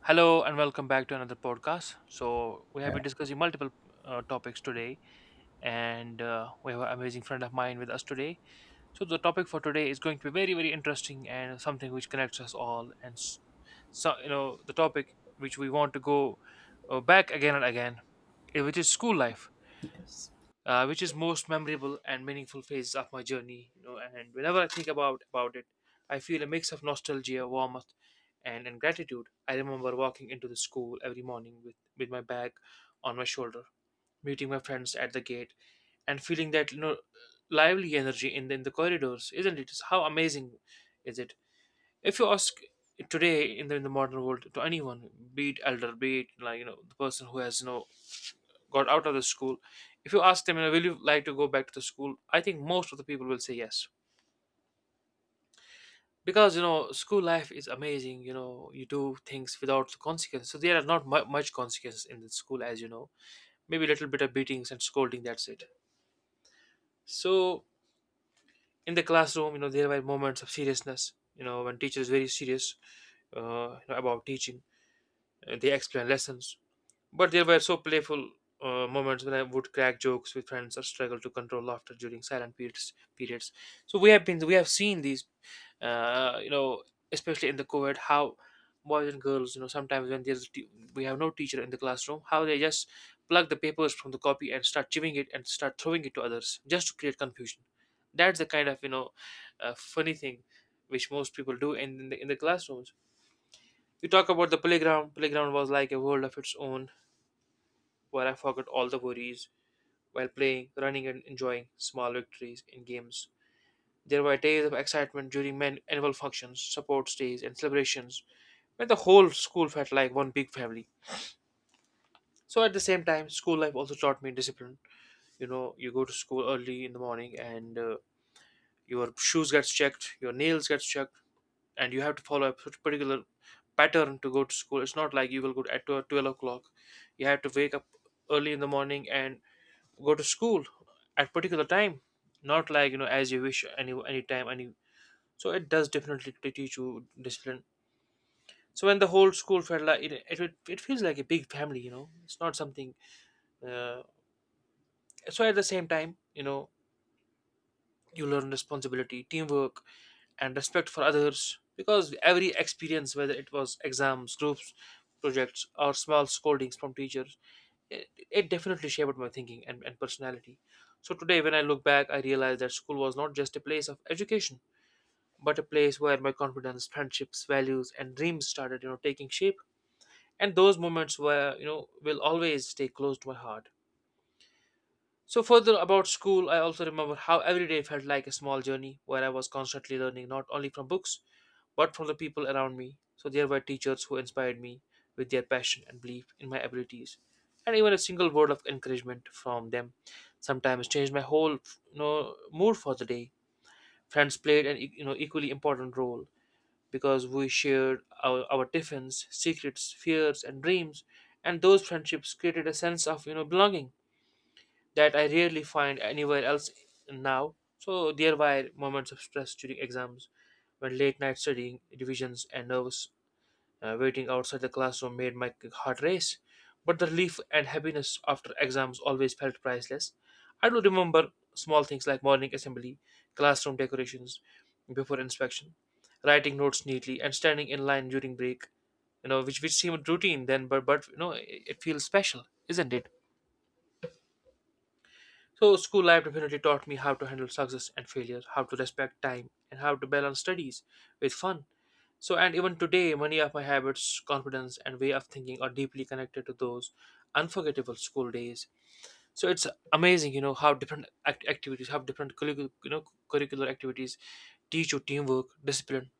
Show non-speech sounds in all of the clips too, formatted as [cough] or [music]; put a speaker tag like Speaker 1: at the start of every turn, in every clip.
Speaker 1: Hello and welcome back to another podcast. So we have
Speaker 2: Yeah.
Speaker 1: been discussing multiple topics today, and we have an amazing friend of mine with us today. So the topic for today is going to be very, very interesting and something which connects us all. So you know the topic which we want to go back again and again, which is school life, which is most memorable and meaningful phase of my journey. You know, and whenever I think about it, I feel a mix of nostalgia, warmth, and gratitude. I remember walking into the school every morning with my bag on my shoulder, meeting my friends at the gate, and feeling that you know lively energy in the corridors. Isn't it? How amazing is it? If you ask today in the modern world to anyone, be it elder, be it like you know the person who has no got out of the school, if you ask them, you know, will you like to go back to the school? I think most of the people will say yes, because you know school life is amazing. You know, you do things without the consequence. So there are not much consequences in the school, as you know, maybe a little bit of beatings and scolding, that's it. So in the classroom, you know, there were moments of seriousness, you know, when teacher is very serious you know, about teaching. They explain lessons. But there were so playful moments when I would crack jokes with friends or struggle to control laughter during silent periods. So we have seen these, you know, especially in the COVID, how boys and girls, you know, sometimes when there's we have no teacher in the classroom, how they just plug the papers from the copy and start chewing it and start throwing it to others just to create confusion. That's the kind of, you know, funny thing which most people do in the classrooms. You talk about the playground. Playground was like a world of its own where I forgot all the worries while playing, running, and enjoying small victories in games. There were days of excitement during men annual functions, sports days, and celebrations when the whole school felt like one big family. So at the same time, school life also taught me discipline. You know, you go to school early in the morning, and your shoes gets checked, your nails gets checked, and you have to follow a particular pattern to go to school. It's not like you will go at 12 o'clock. You have to wake up early in the morning and go to school at particular time, not like you know, as you wish, any time any. So it does definitely teach you discipline. So when the whole school felt like it feels like a big family, you know, it's not something uh, so. At the same time, you know, you learn responsibility, teamwork, and respect for others, because every experience, whether it was exams, groups, projects, or small scoldings from teachers, it definitely shaped my thinking and personality. So today, when I look back, I realize that school was not just a place of education, but a place where my confidence, friendships, values, and dreams started, you know, taking shape. And those moments were, you know, will always stay close to my heart. So, further about school, I also remember how every day felt like a small journey where I was constantly learning not only from books but from the people around me. So, there were teachers who inspired me with their passion and belief in my abilities, and even a single word of encouragement from them sometimes changed my whole, you know, mood for the day. Friends played you know equally important role, because we shared our tiffins, secrets, fears, and dreams, and those friendships created a sense of, you know, belonging that I rarely find anywhere else now. So there were moments of stress during exams when late night studying, revisions, and nervous waiting outside the classroom made my heart race. But the relief and happiness after exams always felt priceless. I do remember small things like morning assembly, classroom decorations before inspection, writing notes neatly, and standing in line during break. You know, which seemed routine then, but you know, it feels special, isn't it? So, school life definitely taught me how to handle success and failure, how to respect time, and how to balance studies with fun. So, and even today, many of my habits, confidence, and way of thinking are deeply connected to those unforgettable school days. So, it's amazing, you know, how different activities, how different you know, curricular activities teach you teamwork, discipline,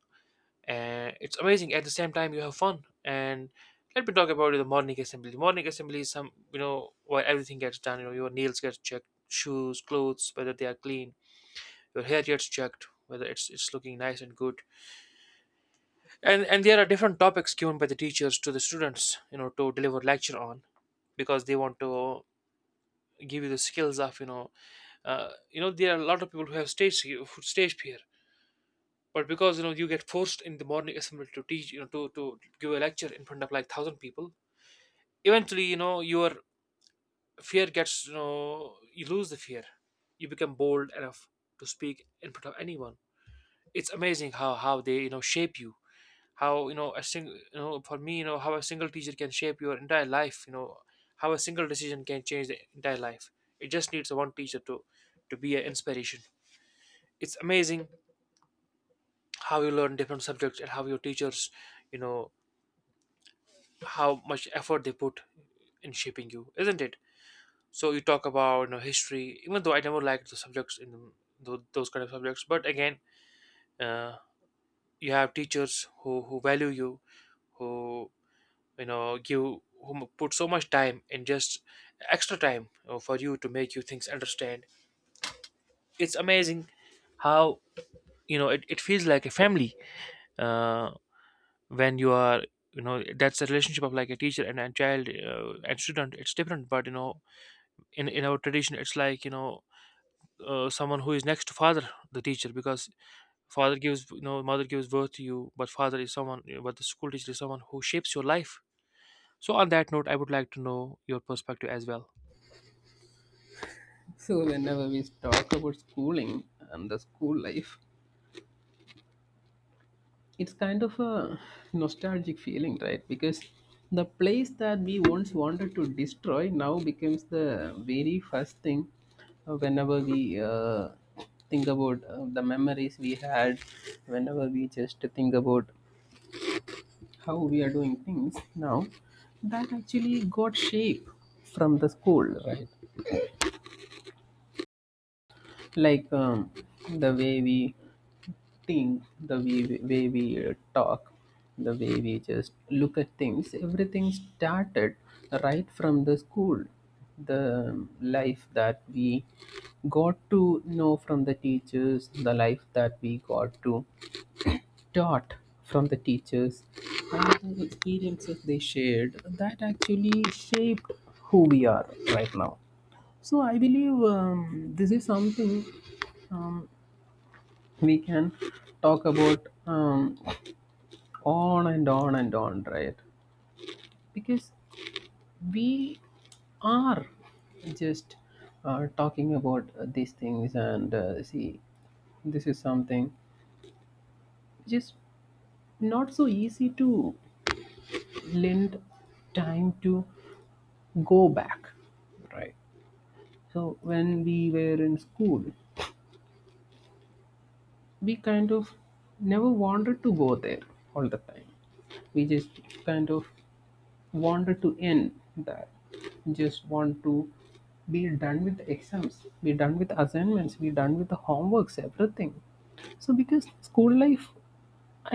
Speaker 1: and it's amazing at the same time you have fun. And let me talk about the morning assembly. The morning assembly is some, you know, where everything gets done. You know, your nails get checked, shoes, clothes, whether they are clean, your hair gets checked whether it's looking nice and good. And there are different topics given by the teachers to the students, you know, to deliver lecture on, because they want to give you the skills of, you know, you know, there are a lot of people who have stage fear. But because, you know, you get forced in the morning assembly to teach, you know, to give a lecture in front of like thousand people, eventually, you know, your fear gets, you know, you lose the fear. You become bold enough to speak in front of anyone. It's amazing how they, you know, shape you, how, you know, a single, you know, for me, you know, how a single teacher can shape your entire life, you know, how a single decision can change the entire life. It just needs one teacher to be an inspiration. It's amazing how you learn different subjects and how your teachers, you know, how much effort they put in shaping you, isn't it? So you talk about, you know, history, even though I never liked the subjects in those kind of subjects, but again, uh, you have teachers who value you, who, you know, give, who put so much time and just extra time, you know, for you to make you things understand. It's amazing how, you know, it feels like a family uh, when you are, you know, that's the relationship of like a teacher and a child and student, it's different, but you know, in our tradition it's like, you know, someone who is next to father, the teacher, because father gives, you know, mother gives birth to you, but father is someone, but the school teacher is someone who shapes your life. So on that note, I would like to know your perspective as well.
Speaker 2: So whenever we talk about schooling and the school life, it's kind of a nostalgic feeling, right? Because the place that we once wanted to destroy now becomes the very first thing whenever we think about the memories we had, whenever we just think about how we are doing things now, that actually got shape from the school, right? Like the way we think, the way we talk, the way we just look at things, everything started right from the school, the life that we got to know from the teachers, the life that we got to taught from the teachers, and the experiences they shared, that actually shaped who we are right now. So I believe this is something um, we can talk about on and on and on, right? Because we are just talking about these things, and see, this is something which is not so easy to lend time to go back, right? So, when we were in school, we kind of never wanted to go there all the time. We just kind of wanted to end that, just want to be done with the exams, be done with assignments, be done with the homeworks, everything. So because school life,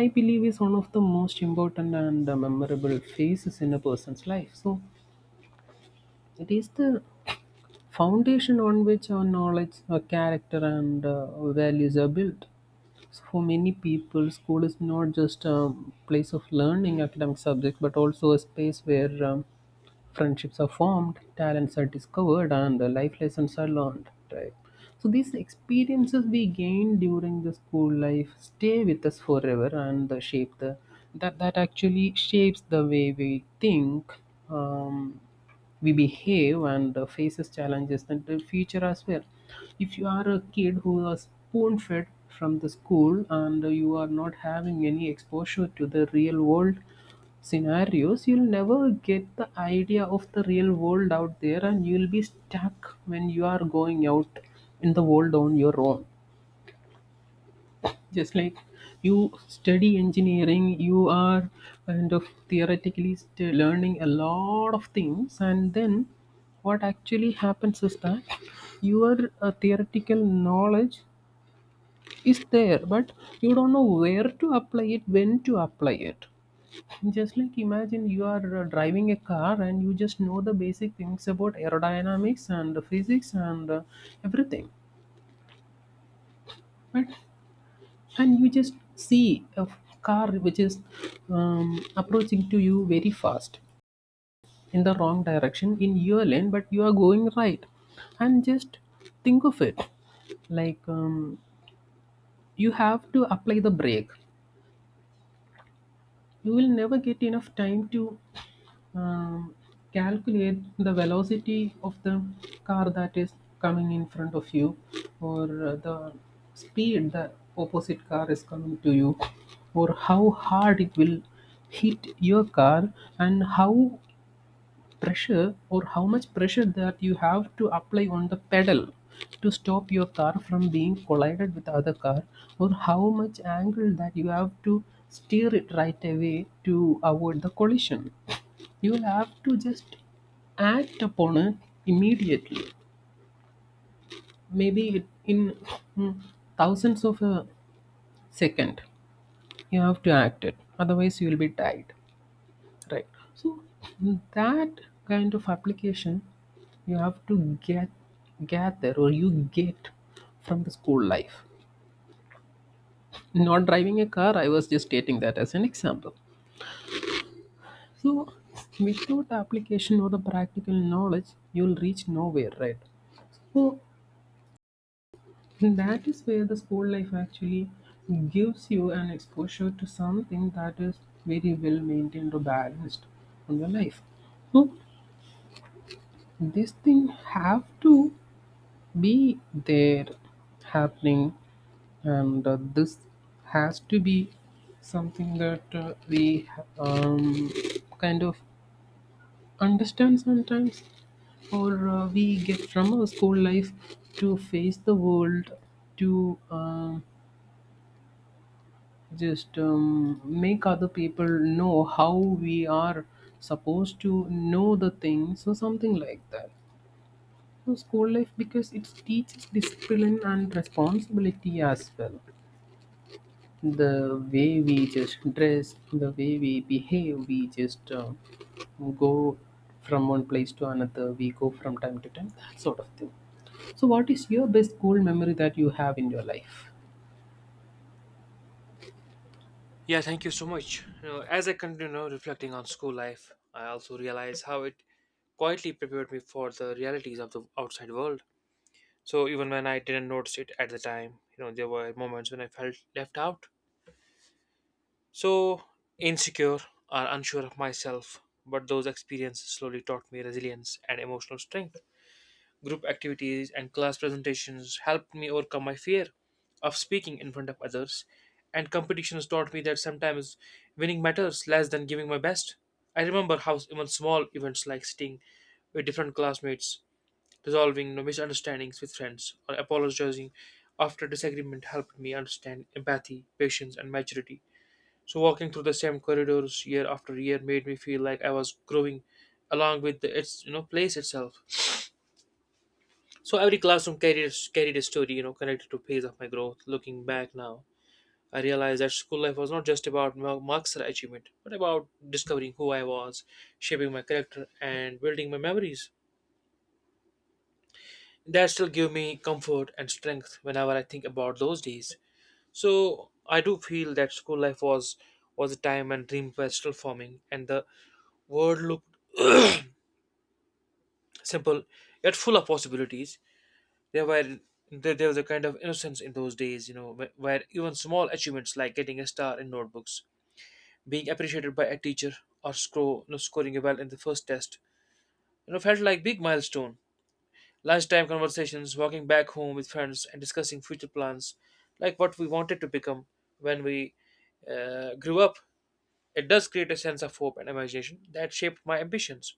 Speaker 2: I believe, is one of the most important and memorable phases in a person's life, so it is the foundation on which our knowledge, our character, and our values are built. So for many people, school is not just a place of learning academic subjects, but also a space where friendships are formed, talents are discovered, and life lessons are learned. Right. So these experiences we gain during the school life stay with us forever and shape the that actually shapes the way we think, Um, we behave, and faces challenges in the future as well. If you are a kid who was spoon fed from the school and you are not having any exposure to the real world scenarios, you'll never get the idea of the real world out there, and you'll be stuck when you are going out in the world on your own. Just like you study engineering, you are kind of theoretically learning a lot of things, and then what actually happens is that your theoretical knowledge is there, but you don't know where to apply it, when to apply it. Just like, imagine you are driving a car and you just know the basic things about aerodynamics and physics and everything, but and you just see a car which is approaching to you very fast in the wrong direction in your lane, but you are going right, and just think of it like, you have to apply the brake. You will never get enough time to um, calculate the velocity of the car that is coming in front of you, or the speed the opposite car is coming to you, or how hard it will hit your car, and how pressure, or how much pressure that you have to apply on the pedal to stop your car from being collided with other car, or how much angle that you have to steer it right away to avoid the collision. You'll have to just act upon it immediately. Maybe it, in mm, thousands of a second, you have to act it. Otherwise, you will be tied. Right. So, that kind of application you have to get, gather, or you get from the school life. Not driving a car. I was just stating that as an example. So, without application or the practical knowledge, you'll reach nowhere, right? So, [laughs] that is where the school life actually gives you an exposure to something that is very well maintained or balanced in your life. So this thing have to be there happening, and this has to be something that we um, kind of understand sometimes, or we get from our school life to face the world, to just make other people know how we are supposed to know the things or something like that. So school life, because it teaches discipline and responsibility as well, the way we just dress, the way we behave, we just go from one place to another, we go from time to time, that sort of thing. So what is your best school memory that you have in your life?
Speaker 1: Yeah, thank you so much. You know, as I continue you reflecting on school life, I also realize how it quietly prepared me for the realities of the outside world. So even when I didn't notice it at the time, you know, there were moments when I felt left out. So, insecure or unsure of myself, but those experiences slowly taught me resilience and emotional strength. Group activities and class presentations helped me overcome my fear of speaking in front of others, and competitions taught me that sometimes winning matters less than giving my best. I remember how even small events like sitting with different classmates, resolving no misunderstandings with friends, or apologizing after disagreement helped me understand empathy, patience, and maturity. So walking through the same corridors year after year made me feel like I was growing along with the, its you know place itself. So every classroom carried a story, you know, connected to phase of my growth. Looking back now, I realized that school life was not just about marks or achievement, but about discovering who I was, shaping my character, and building my memories. That still give me comfort and strength whenever I think about those days. So I do feel that school life was a time when dreams were still forming, and the world looked [clears throat] simple yet full of possibilities. There were there was a kind of innocence in those days, you know, where even small achievements like getting a star in notebooks, being appreciated by a teacher, or score, you know, scoring well in the first test, you know, felt like big milestone. Lunchtime conversations, walking back home with friends, and discussing future plans, like what we wanted to become when we grew up. It does create a sense of hope and imagination that shaped my ambitions.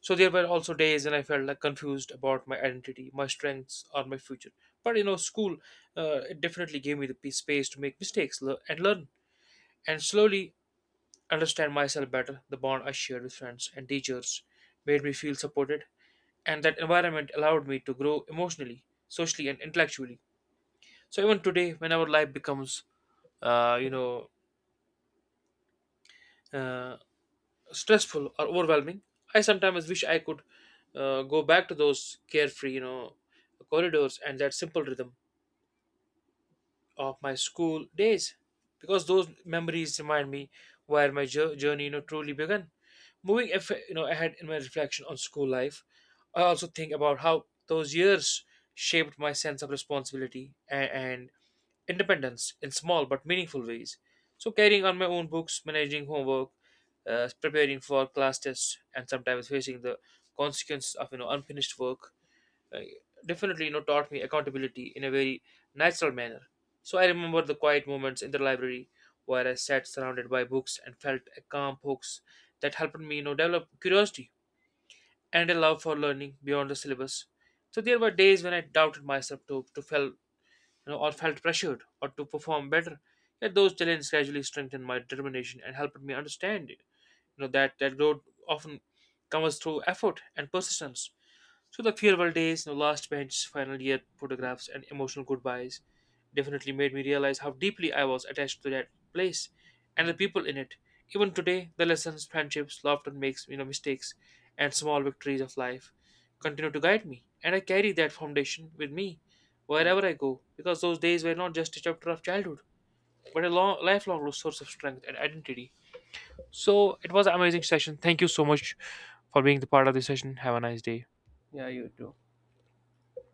Speaker 1: So there were also days when I felt like confused about my identity, my strengths, or my future. But you know, school it definitely gave me the space to make mistakes and learn, and slowly understand myself better. The bond I shared with friends and teachers made me feel supported, and that environment allowed me to grow emotionally, socially, and intellectually. So even today, when our life becomes, you know, uh, stressful or overwhelming, I sometimes wish I could go back to those carefree, you know, corridors and that simple rhythm of my school days, because those memories remind me where my journey, you know, truly began. Moving, if, you know, ahead in my reflection on school life, I also think about how those years shaped my sense of responsibility and independence in small but meaningful ways. So, carrying on my own books, managing homework, preparing for class tests, and sometimes facing the consequences of, you know, unfinished work, uh, definitely, you know, taught me accountability in a very natural manner. So I remember the quiet moments in the library where I sat surrounded by books and felt a calm focus that helped me, you know, develop curiosity and a love for learning beyond the syllabus. So there were days when I doubted myself to fail, you know, or felt pressured or to perform better. Yet those challenges gradually strengthened my determination and helped me understand, you know, that growth often comes through effort and persistence. So the farewell days, you know, last bench, final year photographs, and emotional goodbyes definitely made me realize how deeply I was attached to that place and the people in it. Even today, the lessons, friendships, laughter, makes you know mistakes, and small victories of life continue to guide me, and I carry that foundation with me
Speaker 2: Yeah,
Speaker 1: wherever I go, because those days were not just a chapter of childhood, but a long, lifelong source of strength and identity. So it was an amazing session. Thank you so much for being the part of this session. Have a nice day.
Speaker 2: yeah, you too.